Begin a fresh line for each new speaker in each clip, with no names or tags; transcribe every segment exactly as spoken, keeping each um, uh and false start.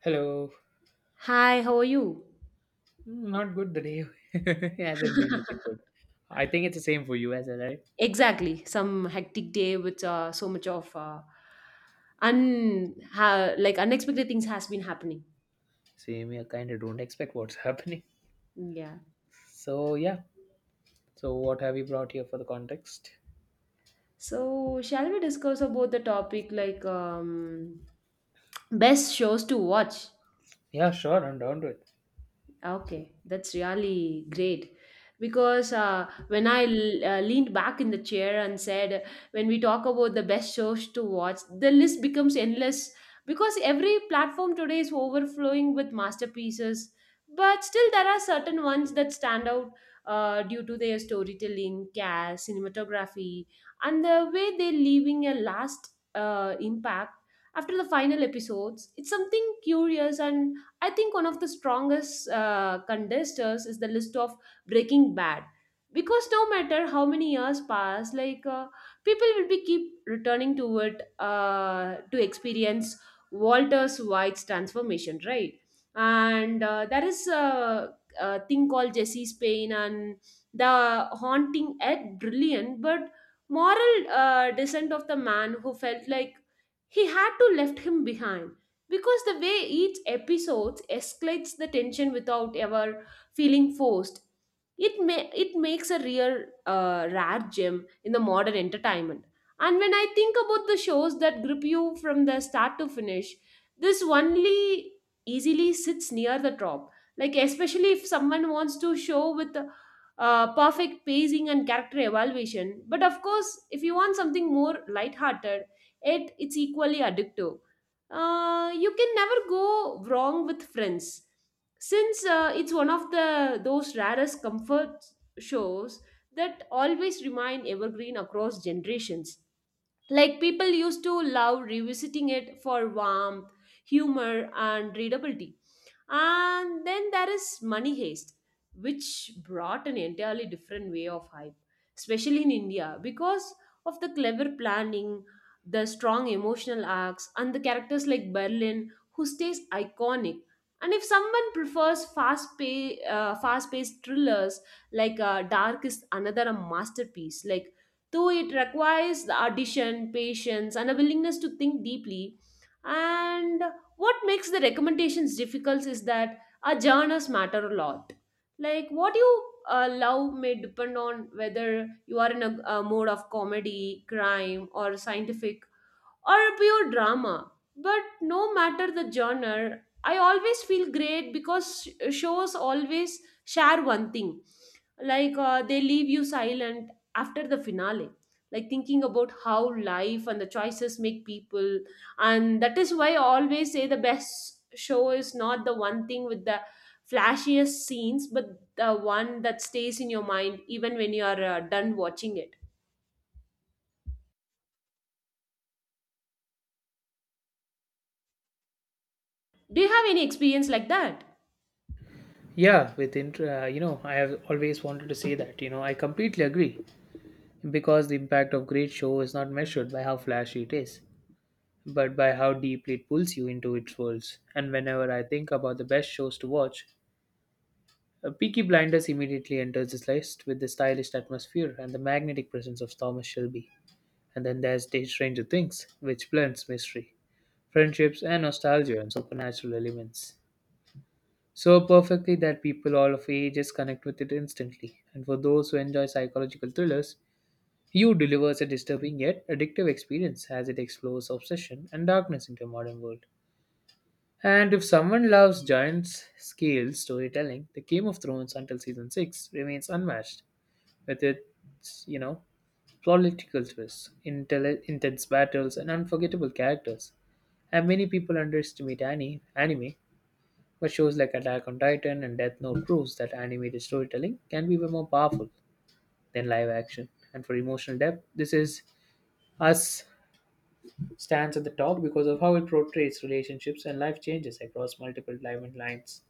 Hello.
Hi, how are you?
Mm, Not good the day. Hasn't been looking good. I think it's the same for you as well, right?
Exactly. Some hectic day with uh, so much of uh, un ha- like unexpected things has been happening.
Same here, kind of don't expect what's happening.
Yeah.
So, yeah. So, what have you brought here for the context?
So shall we discuss about the topic like um, best shows to watch?
Yeah, sure, I'm down to it.
Okay, that's really great. Because uh, when I l- uh, leaned back in the chair and said, when we talk about the best shows to watch, the list becomes endless because every platform today is overflowing with masterpieces. But still, there are certain ones that stand out uh, due to their storytelling, cast, cinematography, and the way they're leaving a last uh, impact after the final episodes. It's something curious and I think one of the strongest uh, contesters is the list of Breaking Bad. Because no matter how many years pass, like uh, people will be keep returning to it uh, to experience Walter's White's transformation, right? And uh, there is a, a thing called Jesse's pain and the haunting Ed Brilliant, but moral uh, descent of the man who felt like he had to left him behind because the way each episode escalates the tension without ever feeling forced, it may it makes a real uh, rare gem in the modern entertainment. And when I think about the shows that grip you from the start to finish, this only easily sits near the top, like especially if someone wants to show with uh, perfect pacing and character evaluation. But of course, if you want something more lighthearted, it it's equally addictive. Uh, you can never go wrong with friends, since uh, it's one of the those rarest comfort shows that always remain evergreen across generations, like people used to love revisiting it for warmth, humor, and readability. And then there is Money Heist, which brought an entirely different way of hype, especially in India, because of the clever planning, the strong emotional arcs, and the characters like Berlin, who stays iconic. And if someone prefers fast pay, uh, fast-paced thrillers like uh, Dark is another masterpiece, like though it requires the audition, patience, and a willingness to think deeply. And what makes the recommendations difficult is that our genres matter a lot. Like what you uh, love may depend on whether you are in a, a mode of comedy, crime, or scientific or a pure drama. But no matter the genre, I always feel great because sh- shows always share one thing, like uh, they leave you silent after the finale, like thinking about how life and the choices make people. And that is why I always say the best show is not the one thing with the flashiest scenes but the one that stays in your mind even when you are uh, done watching it. Do you have any experience like that?
Yeah, with inter- uh, you know, I have always wanted to say that, you know, I completely agree because the impact of great show is not measured by how flashy it is, but by how deeply it pulls you into its worlds. And whenever I think about the best shows to watch, Uh, Peaky Blinders immediately enters this list with the stylish atmosphere and the magnetic presence of Thomas Shelby. And then there's Stranger Things, which blends mystery, friendships, and nostalgia and supernatural elements. So perfectly that people all of ages connect with it instantly. And for those who enjoy psychological thrillers, you delivers a disturbing yet addictive experience as it explores obsession and darkness into a modern world. And if someone loves giant scale storytelling, The Game of Thrones until season six remains unmatched with its, you know, political twists, intelli- intense battles, and unforgettable characters. And many people underestimate ani- anime, but shows like Attack on Titan and Death Note proves that animated storytelling can be way more powerful than live action. And for emotional depth, This is Us stands at the top because of how it portrays relationships and life changes across multiple timeline lines.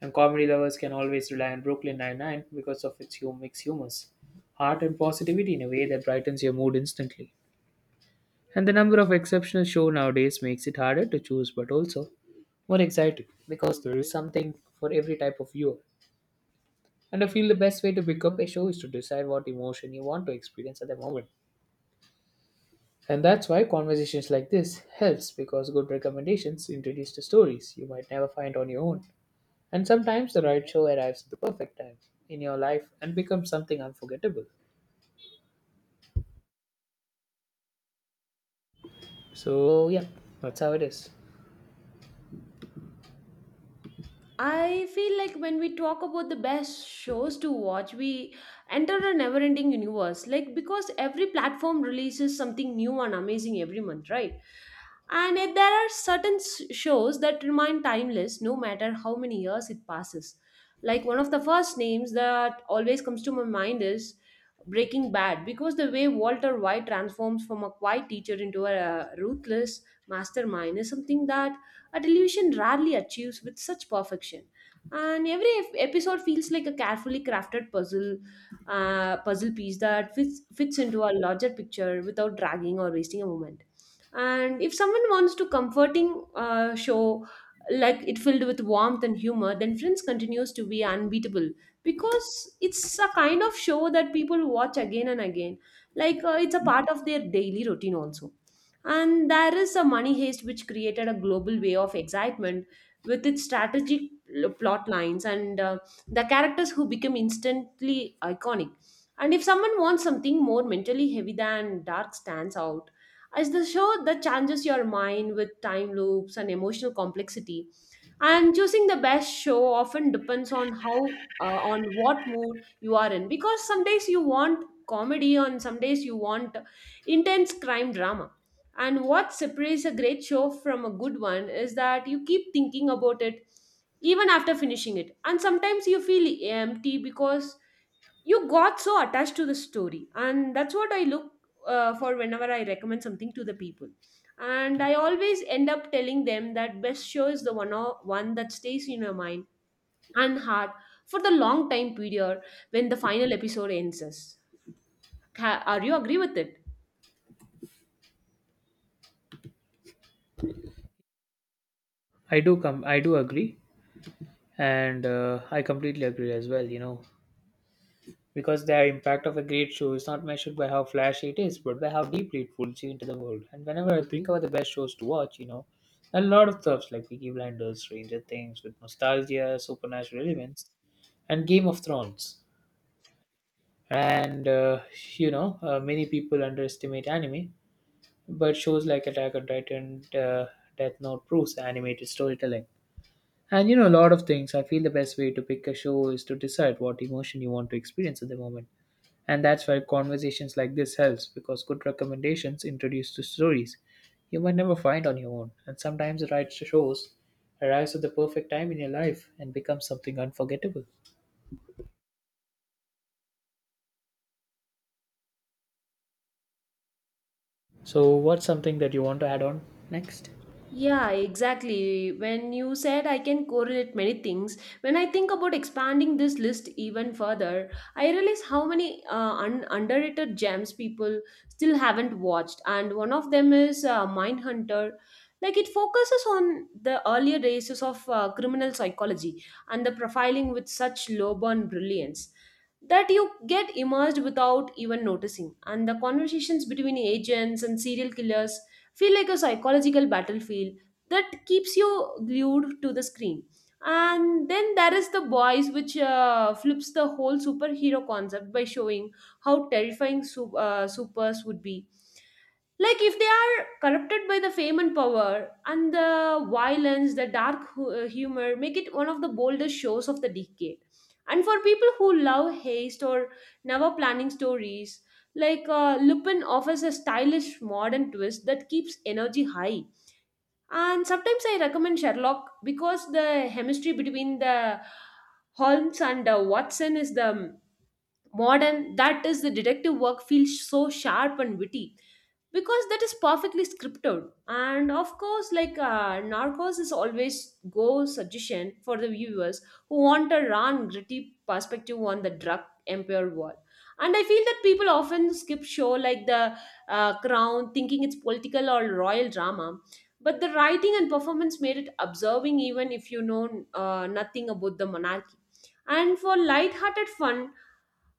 And comedy lovers can always rely on Brooklyn Nine-Nine because of its hum- mixed humors, heart, and positivity in a way that brightens your mood instantly. And the number of exceptional shows nowadays makes it harder to choose, but also more exciting because there is something for every type of viewer. And I feel the best way to pick up a show is to decide what emotion you want to experience at the moment. And that's why conversations like this helps because good recommendations introduce the stories you might never find on your own. And sometimes the right show arrives at the perfect time in your life and becomes something unforgettable. So yeah, that's how it is.
I feel like when we talk about the best shows to watch, we enter a never ending universe. Like, because every platform releases something new and amazing every month, right? And yet there are certain s- shows that remain timeless no matter how many years it passes. Like, one of the first names that always comes to my mind is Breaking Bad, because the way Walter White transforms from a quiet teacher into a ruthless mastermind is something that a television rarely achieves with such perfection. And every ep- episode feels like a carefully crafted puzzle, uh, puzzle piece that fits, fits into a larger picture without dragging or wasting a moment. And if someone wants to comforting uh, show, like it filled with warmth and humor, then Friends continues to be unbeatable because it's a kind of show that people watch again and again. Like uh, it's a part of their daily routine also. And there is a Money Heist which created a global way of excitement with its strategic l- plot lines and uh, the characters who become instantly iconic. And if someone wants something more mentally heavy, than Dark stands out, as the show that challenges your mind with time loops and emotional complexity. And choosing the best show often depends on how, uh, on what mood you are in, because some days you want comedy, and some days you want intense crime drama. And what separates a great show from a good one is that you keep thinking about it even after finishing it. And sometimes you feel empty because you got so attached to the story. And that's what I look uh, for whenever I recommend something to the people. And I always end up telling them that best show is the one, o- one that stays in your mind and heart for the long time period when the final episode ends us. Ca- Are you agree with it?
I do come. I do agree, and uh, I completely agree as well. You know, because the impact of a great show is not measured by how flashy it is, but by how deeply it pulls you into the world. And whenever I think about the best shows to watch, you know, a lot of stuffs like Peaky Blinders, Stranger Things, with nostalgia, supernatural elements, and Game of Thrones. And uh, you know, uh, many people underestimate anime, but shows like Attack on Titan, uh, Death Note proves animated storytelling. And you know, a lot of things. I feel the best way to pick a show is to decide what emotion you want to experience at the moment. And that's why conversations like this helps because good recommendations introduce to stories you might never find on your own. And sometimes the right shows arrives at the perfect time in your life and becomes something unforgettable. So, what's something that you want to add on next?
Yeah, exactly. When you said I can correlate many things, when I think about expanding this list even further, I realize how many uh, un- underrated gems people still haven't watched. And one of them is uh, Mindhunter. Like it focuses on the earlier races of uh, criminal psychology and the profiling with such low burn brilliance that you get immersed without even noticing. And the conversations between agents and serial killers feel like a psychological battlefield that keeps you glued to the screen. And then there is The Boys, which uh, flips the whole superhero concept by showing how terrifying su- uh, supers would be like if they are corrupted by the fame and power. And the violence, the dark hu- uh, humor make it one of the boldest shows of the decade. And for people who love haste or never planning stories, like uh, Lupin offers a stylish modern twist that keeps energy high. And sometimes I recommend Sherlock because the chemistry between the Holmes and uh, Watson is the modern, that is, the detective work feels so sharp and witty because that is perfectly scripted. And of course, like uh, Narcos is always go suggestion for the viewers who want a raw and gritty perspective on the drug empire world. And I feel that people often skip show like the uh, Crown, thinking it's political or royal drama, but the writing and performance made it observing even if you know uh, nothing about the monarchy. And for light-hearted fun,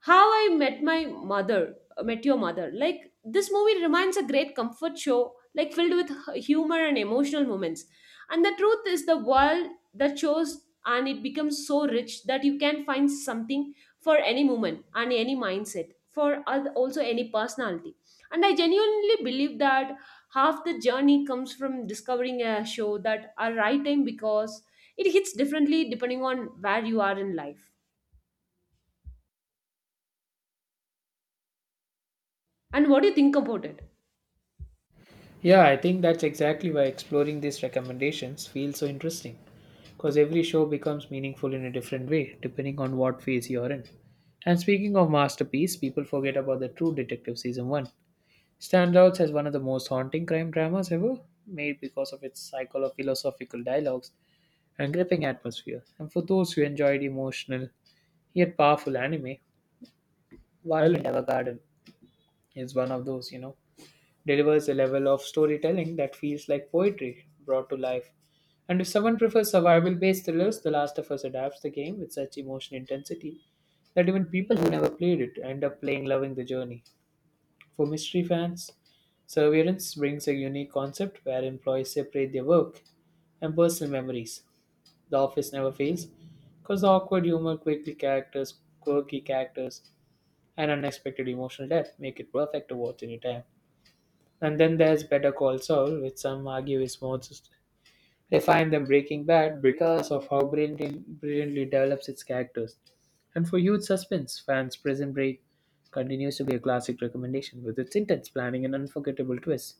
How I Met My Mother, uh, Met Your Mother. Like this movie remains a great comfort show, like filled with h- humor and emotional moments. And the truth is, the world that shows and it becomes so rich that you can find something for any moment and any mindset, for al- also any personality. And I genuinely believe that half the journey comes from discovering a show that are right time because it hits differently depending on where you are in life. And what do you think about it?
Yeah, I think that's exactly why exploring these recommendations feels so interesting. Because every show becomes meaningful in a different way, depending on what phase you're in. And speaking of masterpiece, people forget about the True Detective Season one. Standouts as one of the most haunting crime dramas ever, made because of its cycle of philosophical dialogues and gripping atmosphere. And for those who enjoyed emotional, yet powerful anime, Violent Evergarden is one of those, you know, delivers a level of storytelling that feels like poetry brought to life. And if someone prefers survival based thrillers, The Last of Us adapts the game with such emotional intensity that even people who never played it end up playing loving the journey. For mystery fans, Surveillance brings a unique concept where employees separate their work and personal memories. The office never fails because the awkward humor, quirky characters, quirky characters, and unexpected emotional depth make it perfect to watch anytime. And then there's Better Call Saul, which some argue is more s- refined than Breaking Bad because of how brilliantly, brilliantly develops its characters. And for huge suspense fans, Prison Break continues to be a classic recommendation with its intense planning and unforgettable twists.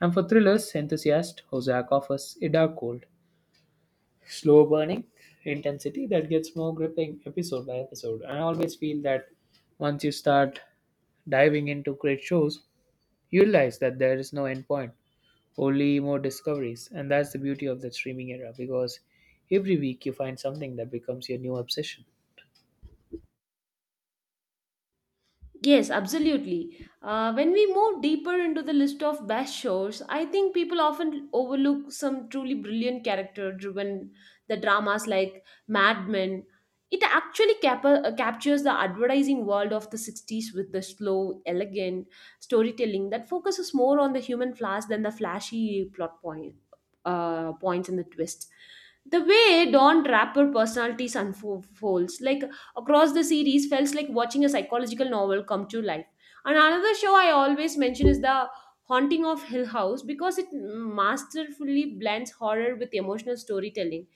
And for thrillers enthusiasts, Ozark offers a dark cold, slow burning intensity that gets more gripping episode by episode. And I always feel that once you start diving into great shows, you realize that there is no end point only more discoveries. And that's the beauty of the streaming era because every week you find something that becomes your new obsession.
Yes, absolutely. Uh, when we move deeper into the list of best shows, I think people often overlook some truly brilliant character driven the dramas like Mad Men. It actually cap- uh, captures the advertising world of the sixties with the slow, elegant storytelling that focuses more on the human flaws than the flashy plot point, uh, points and the twists. The way Don Draper personalities unfolds, like across the series, felt like watching a psychological novel come to life. And another show I always mention is The Haunting of Hill House because it masterfully blends horror with emotional storytelling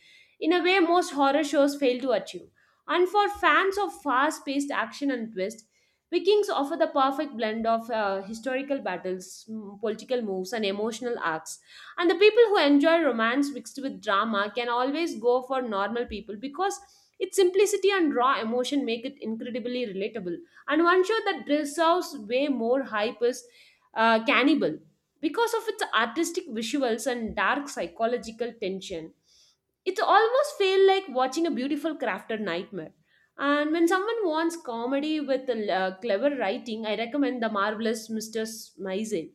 in a way most horror shows fail to achieve. And for fans of fast paced action and twist, Vikings offer the perfect blend of uh, historical battles, mm, political moves, and emotional arcs. And the people who enjoy romance mixed with drama can always go for normal people because its simplicity and raw emotion make it incredibly relatable. And one show that deserves way more hype is uh, Cannibal because of its artistic visuals and dark psychological tension. It almost feel like watching a beautiful crafted nightmare. And when someone wants comedy with uh, clever writing, I recommend The Marvelous mister Maisel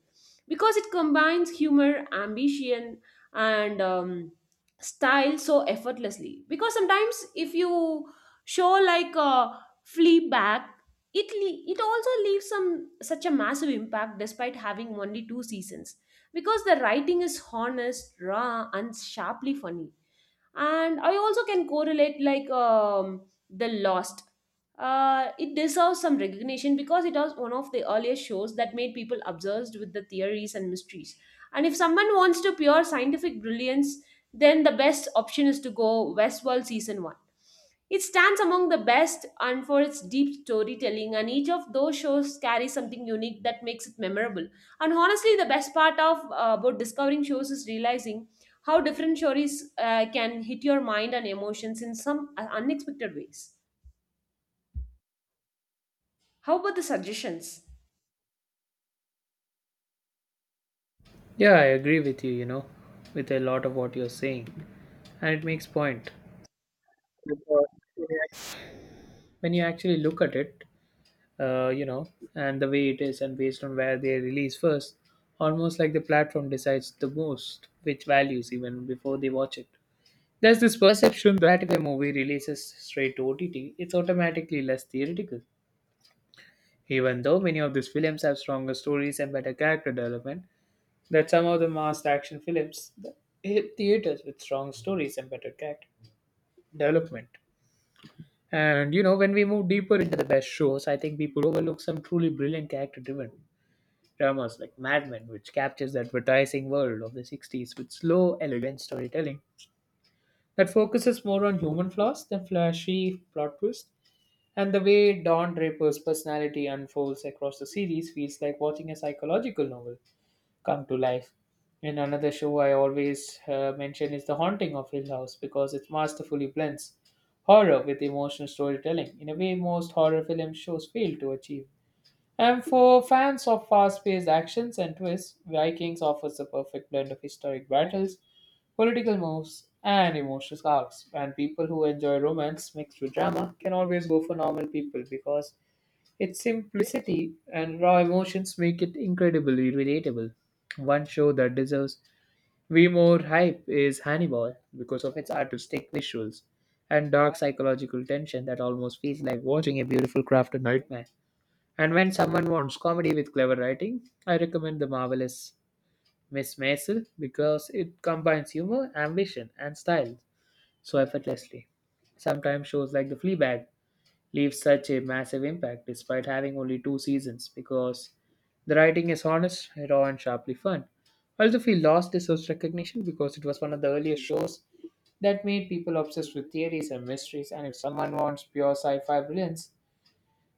because it combines humor, ambition, and um, style so effortlessly. Because sometimes if you show like a flea back, it le- it also leaves some such a massive impact despite having only two seasons because the writing is honest, raw, and sharply funny. And I also can correlate like um, the Lost, uh, it deserves some recognition because it was one of the earliest shows that made people obsessed with the theories and mysteries. And if someone wants to pure scientific brilliance, then the best option is to go Westworld Season one. It stands among the best and for its deep storytelling, and each of those shows carries something unique that makes it memorable. And honestly, the best part of uh, about discovering shows is realizing how different stories uh, can hit your mind and emotions in some uh, unexpected ways. How about the suggestions?
Yeah, I agree with you, you know, with a lot of what you're saying. And it makes point. Because when you actually look at it, uh, you know, and the way it is and based on where they release first, almost like the platform decides the most which values even before they watch it. There's this perception that if a movie releases straight to O T T, it's automatically less theoretical. Even though many of these films have stronger stories and better character development than some of the mass action films that hit theaters with strong stories and better character development. And you know, when we move deeper into the best shows, I think people overlook some truly brilliant character driven dramas like Mad Men, which captures the advertising world of the sixties with slow, elegant storytelling that focuses more on human flaws than flashy plot twists. And the way Don Draper's personality unfolds across the series feels like watching a psychological novel come to life. And another show I always uh, mention is The Haunting of Hill House because it masterfully blends horror with emotional storytelling in a way most horror film shows fail to achieve. And for fans of fast paced actions and twists, Vikings offers the perfect blend of historic battles, political moves, and emotional arcs. And people who enjoy romance mixed with drama can always go for normal people because its simplicity and raw emotions make it incredibly relatable. One show that deserves way more hype is Hannibal because of its artistic visuals and dark psychological tension that almost feels like watching a beautiful crafted nightmare. And when someone wants comedy with clever writing, I recommend The Marvelous Miss Maisel because it combines humor, ambition, and style so effortlessly. Sometimes shows like The Fleabag leave such a massive impact despite having only two seasons because the writing is honest, raw, and sharply fun. I also feel Lost deserves recognition because it was one of the earliest shows that made people obsessed with theories and mysteries, and if someone wants pure sci fi brilliance,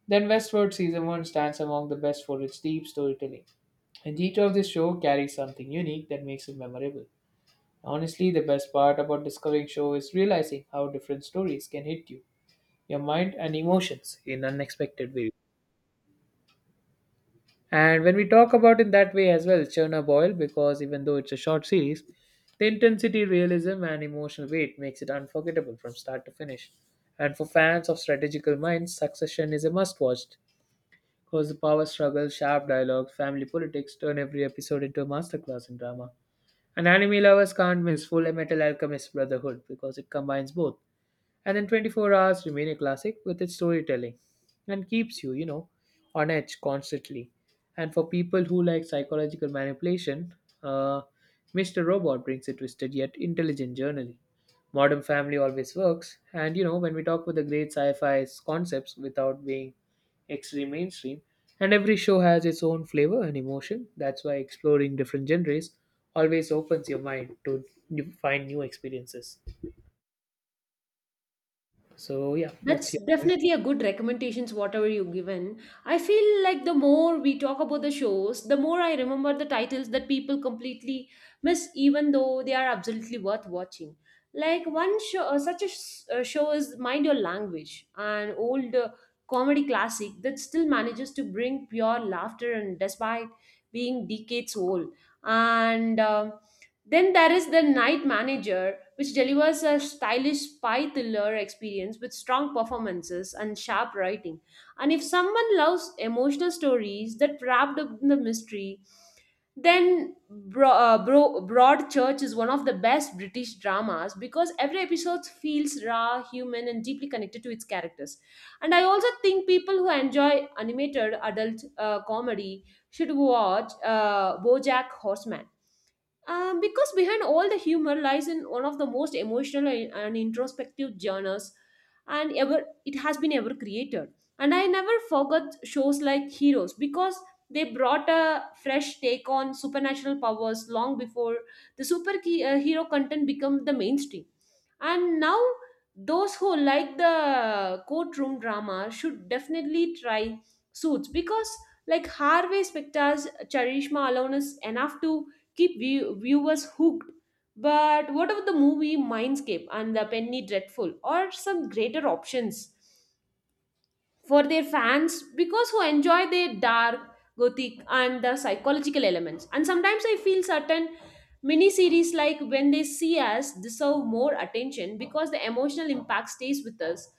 then Westworld Season one stands among the best for its deep storytelling, and each of the show carries something unique that makes it memorable. Honestly, the best part about discovering show is realizing how different stories can hit you, your mind and emotions in unexpected ways. And when we talk about in that way as well, Chernobyl, because even though it's a short series, the intensity, realism, and emotional weight makes it unforgettable from start to finish. And for fans of strategical minds, Succession is a must-watch. Because power struggles, sharp dialogues, family politics turn every episode into a masterclass in drama. And anime lovers can't miss Full Metal Alchemist Brotherhood because it combines both and then twenty-four hours remain a classic with its storytelling and keeps you, you know, on edge constantly. And for people who like psychological manipulation, uh, mister Robot brings a twisted yet intelligent journey. Modern Family always works, and you know, when we talk with the great sci fi concepts without being extreme mainstream, and every show has its own flavor and emotion, that's why exploring different genres always opens your mind to new- find new experiences. So, yeah, what's
That's
your point?
definitely a good recommendations, whatever you've given. I feel like the more we talk about the shows, the more I remember the titles that people completely miss, even though they are absolutely worth watching. Like one show, uh, such a s- uh, show is Mind Your Language, an old uh, comedy classic that still manages to bring pure laughter and despite being decades old. And um then there is The Night Manager, which delivers a stylish spy thriller experience with strong performances and sharp writing. And if someone loves emotional stories that wrapped up in the mystery, then Bro- uh, Bro- Broadchurch is one of the best British dramas because every episode feels raw, human, and deeply connected to its characters. And I also think people who enjoy animated adult uh, comedy should watch uh, BoJack Horseman, um, because behind all the humor lies in one of the most emotional and and introspective genres and ever it has been ever created. And I never forgot shows like Heroes because they brought a fresh take on supernatural powers long before the super key- uh, hero content became the mainstream. And now those who like the courtroom drama should definitely try Suits because like Harvey Specter's charisma alone is enough to keep view- viewers hooked. But what about the movie Mindscape and the Penny Dreadful, or some greater options for their fans because who enjoy their dark, gothic and the psychological elements? And sometimes I feel certain miniseries like When They See Us deserve more attention because the emotional impact stays with us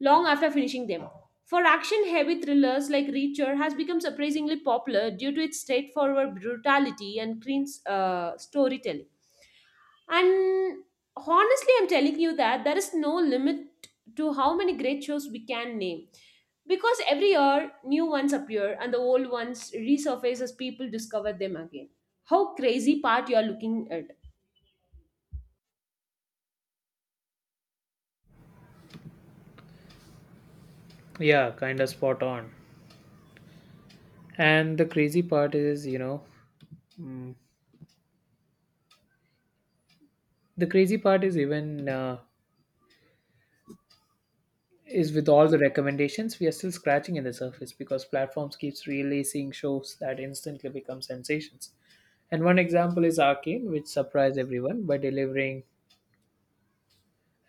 long after finishing them. For action heavy thrillers like Reacher has become surprisingly popular due to its straightforward brutality and clean uh, storytelling. And honestly, I'm telling you that there is no limit to how many great shows we can name, because every year new ones appear and the old ones resurface as people discover them again. How crazy part you are looking at?
Yeah, kind of spot on. And the crazy part is, you know, the crazy part is even uh, is with all the recommendations, we are still scratching in the surface because platforms keeps releasing shows that instantly become sensations. And one example is Arcane, which surprised everyone by delivering,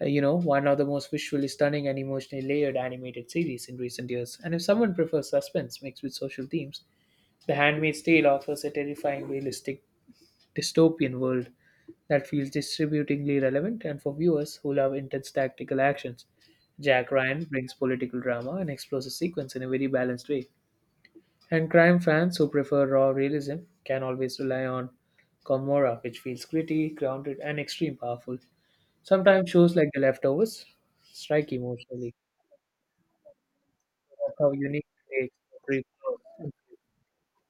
uh, you know, one of the most visually stunning and emotionally layered animated series in recent years. And if someone prefers suspense mixed with social themes, The Handmaid's Tale offers a terrifying, realistic dystopian world that feels distributingly relevant, and for viewers who love intense tactical actions, Jack Ryan brings political drama and explores a sequence in a very balanced way. And crime fans who prefer raw realism can always rely on Komora, which feels gritty, grounded, and extreme powerful. Sometimes shows like The Leftovers strike emotionally. That's how unique they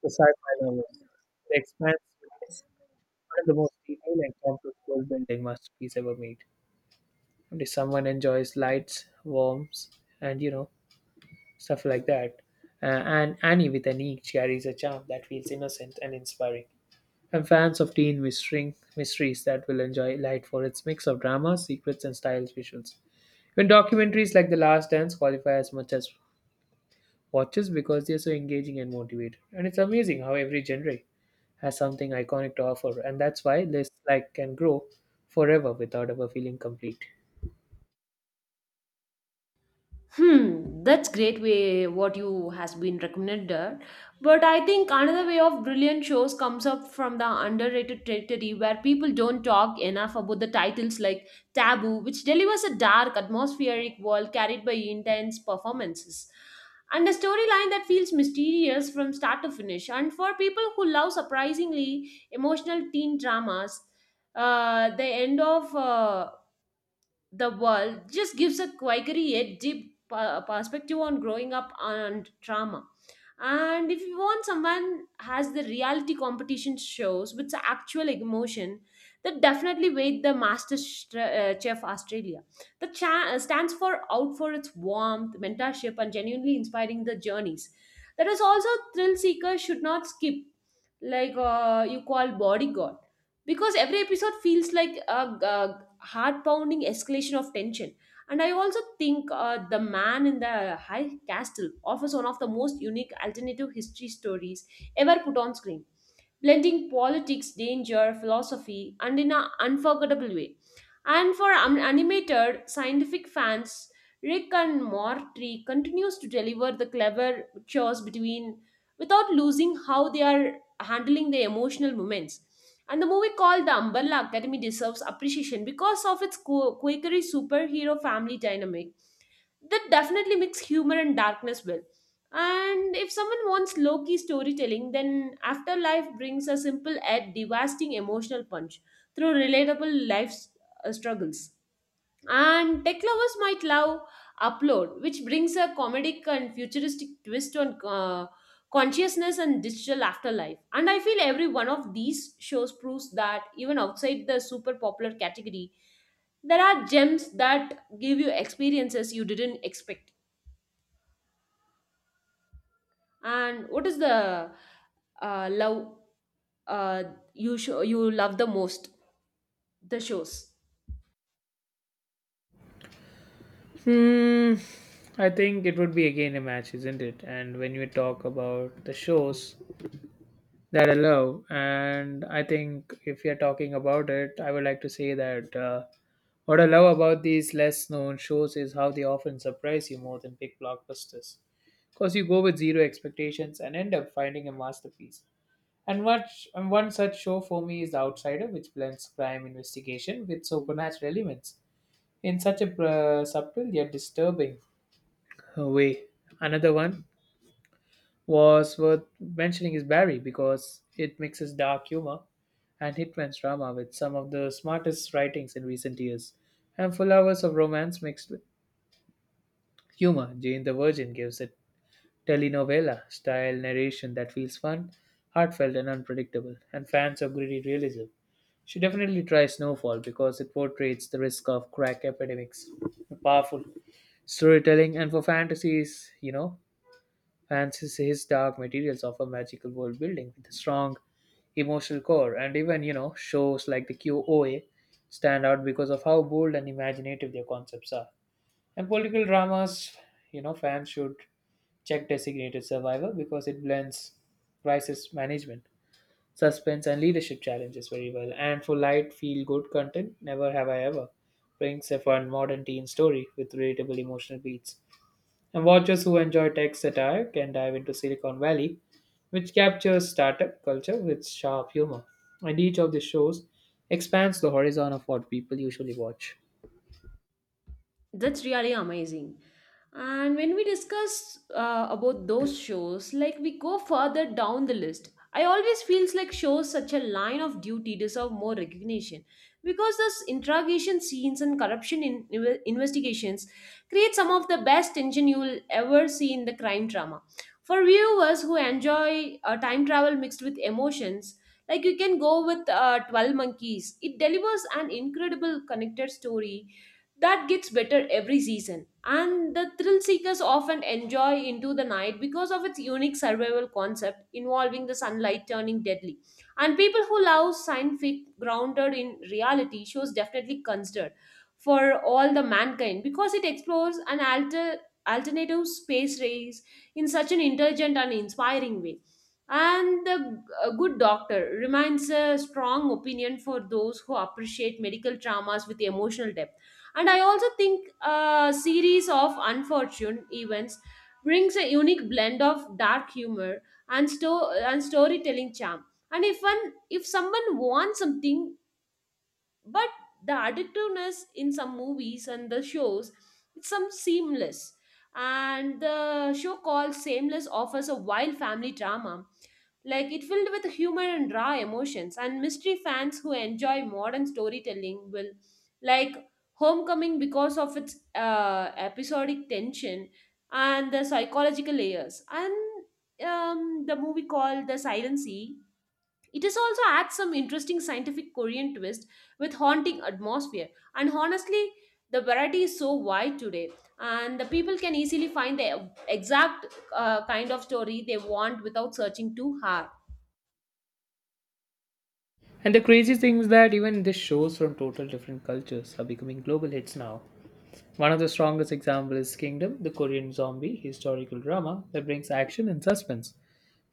the sci-fi novel. The Expanse is one of the most detailed and complex world-building masterpieces ever made. If someone enjoys lights warmth and you know stuff like that uh, and Annie with an E carries a charm that feels innocent and inspiring. And fans of teen mystery, mysteries that will enjoy light for its mix of drama secrets and stylish visuals, even documentaries like The Last Dance qualify as much as watches because they're so engaging and motivated. And it's amazing how every genre has something iconic to offer, and that's why lists like can grow forever without ever feeling complete.
Hmm, that's great way what you has been recommended. But I think another way of brilliant shows comes up from the underrated territory where people don't talk enough about the titles like Taboo, which delivers a dark, atmospheric world carried by intense performances and a storyline that feels mysterious from start to finish. And for people who love surprisingly emotional teen dramas, uh, the end of uh, the world just gives a quirky yet deep per- perspective on growing up and trauma. And if you want someone has the reality competition shows with the actual emotion, that definitely wait the Master Stra- uh, Chef Australia. The cha- uh, stands for out for its warmth, mentorship, and genuinely inspiring the journeys. That is also thrill seekers should not skip like uh, you call Bodyguard because every episode feels like a, a heart pounding escalation of tension. And I also think uh, The Man in the High Castle offers one of the most unique alternative history stories ever put on screen, blending politics, danger, philosophy, and in an unforgettable way. And for an- animated scientific fans, Rick and Morty continues to deliver the clever chores between without losing how they are handling the emotional moments. And the movie called The Umbrella Academy deserves appreciation because of its co- quakery superhero family dynamic that definitely mix humor and darkness well. And if someone wants low key storytelling, then Afterlife brings a simple yet devastating emotional punch through relatable life uh, struggles. And tech lovers might love Upload, which brings a comedic and futuristic twist on uh, consciousness and digital afterlife. And I feel every one of these shows proves that even outside the super popular category, there are gems that give you experiences you didn't expect. And what is the uh, love uh, you show you love the most? The shows.
Hmm, I think it would be again a match, isn't it? And when we talk about the shows that I love, and I think if you're talking about it, I would like to say that uh, what I love about these less known shows is how they often surprise you more than big blockbusters. Because you go with zero expectations and end up finding a masterpiece. And, much, and one such show for me is The Outsider, which blends crime investigation with supernatural elements in such a uh, subtle yet disturbing way. Another one was worth mentioning is Barry because it mixes dark humor and Hitman's drama with some of the smartest writings in recent years. And full hours of romance mixed with humor, Jane the Virgin gives it telenovela style narration that feels fun, heartfelt, and unpredictable. And fans of gritty realism should definitely try Snowfall because it portrays the risk of crack epidemics. Powerful storytelling, and for fantasies, you know, Fans His Dark Materials offer magical world building with a strong emotional core, and even you know shows like the Q O A stand out because of how bold and imaginative their concepts are. And political dramas, you know, fans should check Designated Survivor because it blends crisis management, suspense, and leadership challenges very well. And for light, feel good content, Never Have I Ever brings a fun modern teen story with relatable emotional beats, and watchers who enjoy tech satire can dive into Silicon Valley, which captures startup culture with sharp humor. And each of the shows expands the horizon of what people usually watch.
That's really amazing. And when we discuss uh, about those shows, like we go further down the list, I always feels like shows such a line of duty deserve more recognition because those interrogation scenes and corruption in, inve- investigations create some of the best tension you will ever see in the crime drama. For viewers who enjoy uh, time travel mixed with emotions, like you can go with uh, twelve Monkeys. It delivers an incredible connected story that gets better every season. And the thrill seekers often enjoy into the night because of its unique survival concept involving the sunlight turning deadly. And people who love science fiction grounded in reality shows definitely considered for all the mankind because it explores an alter, alternative space race in such an intelligent and inspiring way. And the uh, good doctor remains a strong opinion for those who appreciate medical dramas with emotional depth. And I also think a series of unfortunate events brings a unique blend of dark humor and sto- and storytelling charm. And if one If someone wants something but the addictiveness in some movies and the shows, it's some seamless. And the show called Sameless offers a wild family drama like it filled with humor and raw emotions. And mystery fans who enjoy modern storytelling will like homecoming because of its uh, episodic tension and the psychological layers. And um, The movie called The Silent Sea, it has also adds some interesting scientific Korean twist with haunting atmosphere. And honestly, the variety is so wide today, and the people can easily find the exact uh, kind of story they want without searching too hard.
And the crazy thing is that even these shows from total different cultures are becoming global hits now. One of the strongest examples is Kingdom, the Korean zombie historical drama that brings action and suspense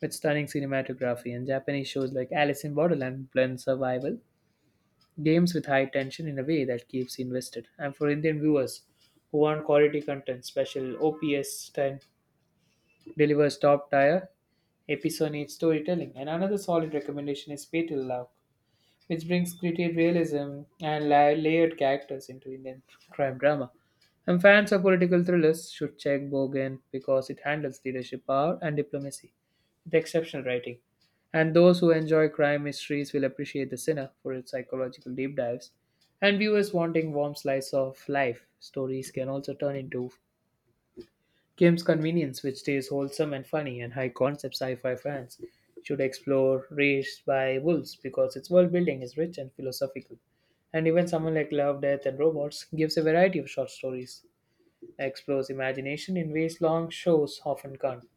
with stunning cinematography. And Japanese shows like Alice in Borderland blend survival games with high tension in a way that keeps you invested. And for Indian viewers who want quality content, Special OPS ten delivers top tier episodic storytelling. And another solid recommendation is Pay to Love, which brings gritty realism and la- layered characters into Indian crime drama. And fans of political thrillers should check Bogen because it handles leadership power and diplomacy with exceptional writing. And those who enjoy crime mysteries will appreciate The Sinner for its psychological deep dives. And viewers wanting warm slice of life stories can also turn into Kim's Convenience, which stays wholesome and funny, and high concept sci fi fans should explore Raised by Wolves because its world building is rich and philosophical. And even someone like Love, Death, and Robots gives a variety of short stories that explores imagination in ways long shows often can't.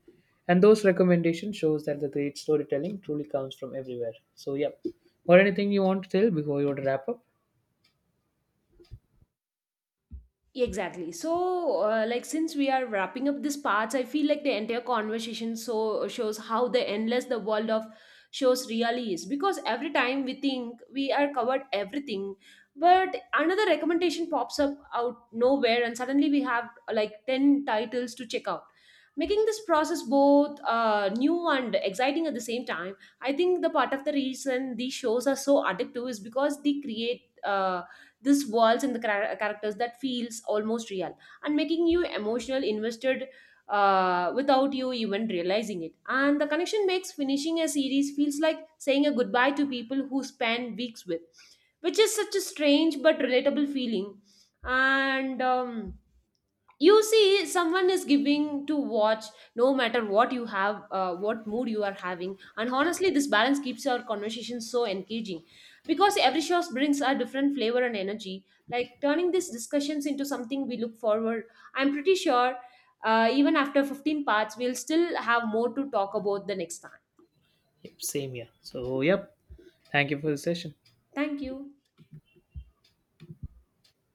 And those recommendations shows that the great storytelling truly comes from everywhere. So, yep. Or anything you want to tell before you want to wrap up?
Exactly. So, uh, like, since we are wrapping up this part, I feel like the entire conversation so shows how the endless the world of shows really is. Because every time we think we are covered everything, but another recommendation pops up out nowhere, and suddenly we have uh, like ten titles to check out, making this process both uh, new and exciting at the same time. I think the part of the reason these shows are so addictive is because they create. Uh, this walls and the chara- characters that feels almost real and making you emotional invested uh, without you even realizing it. And the connection makes finishing a series feels like saying a goodbye to people who spend weeks with, which is such a strange but relatable feeling. And um, You see someone is giving to watch no matter what you have, uh, what mood you are having. And honestly this balance keeps our conversation so engaging because every show brings a different flavor and energy, like turning these discussions into something we look forward. I'm pretty sure uh, even after fifteen parts we'll still have more to talk about the next time.
Yep, same here. So, yep. Thank you for the session.
Thank you.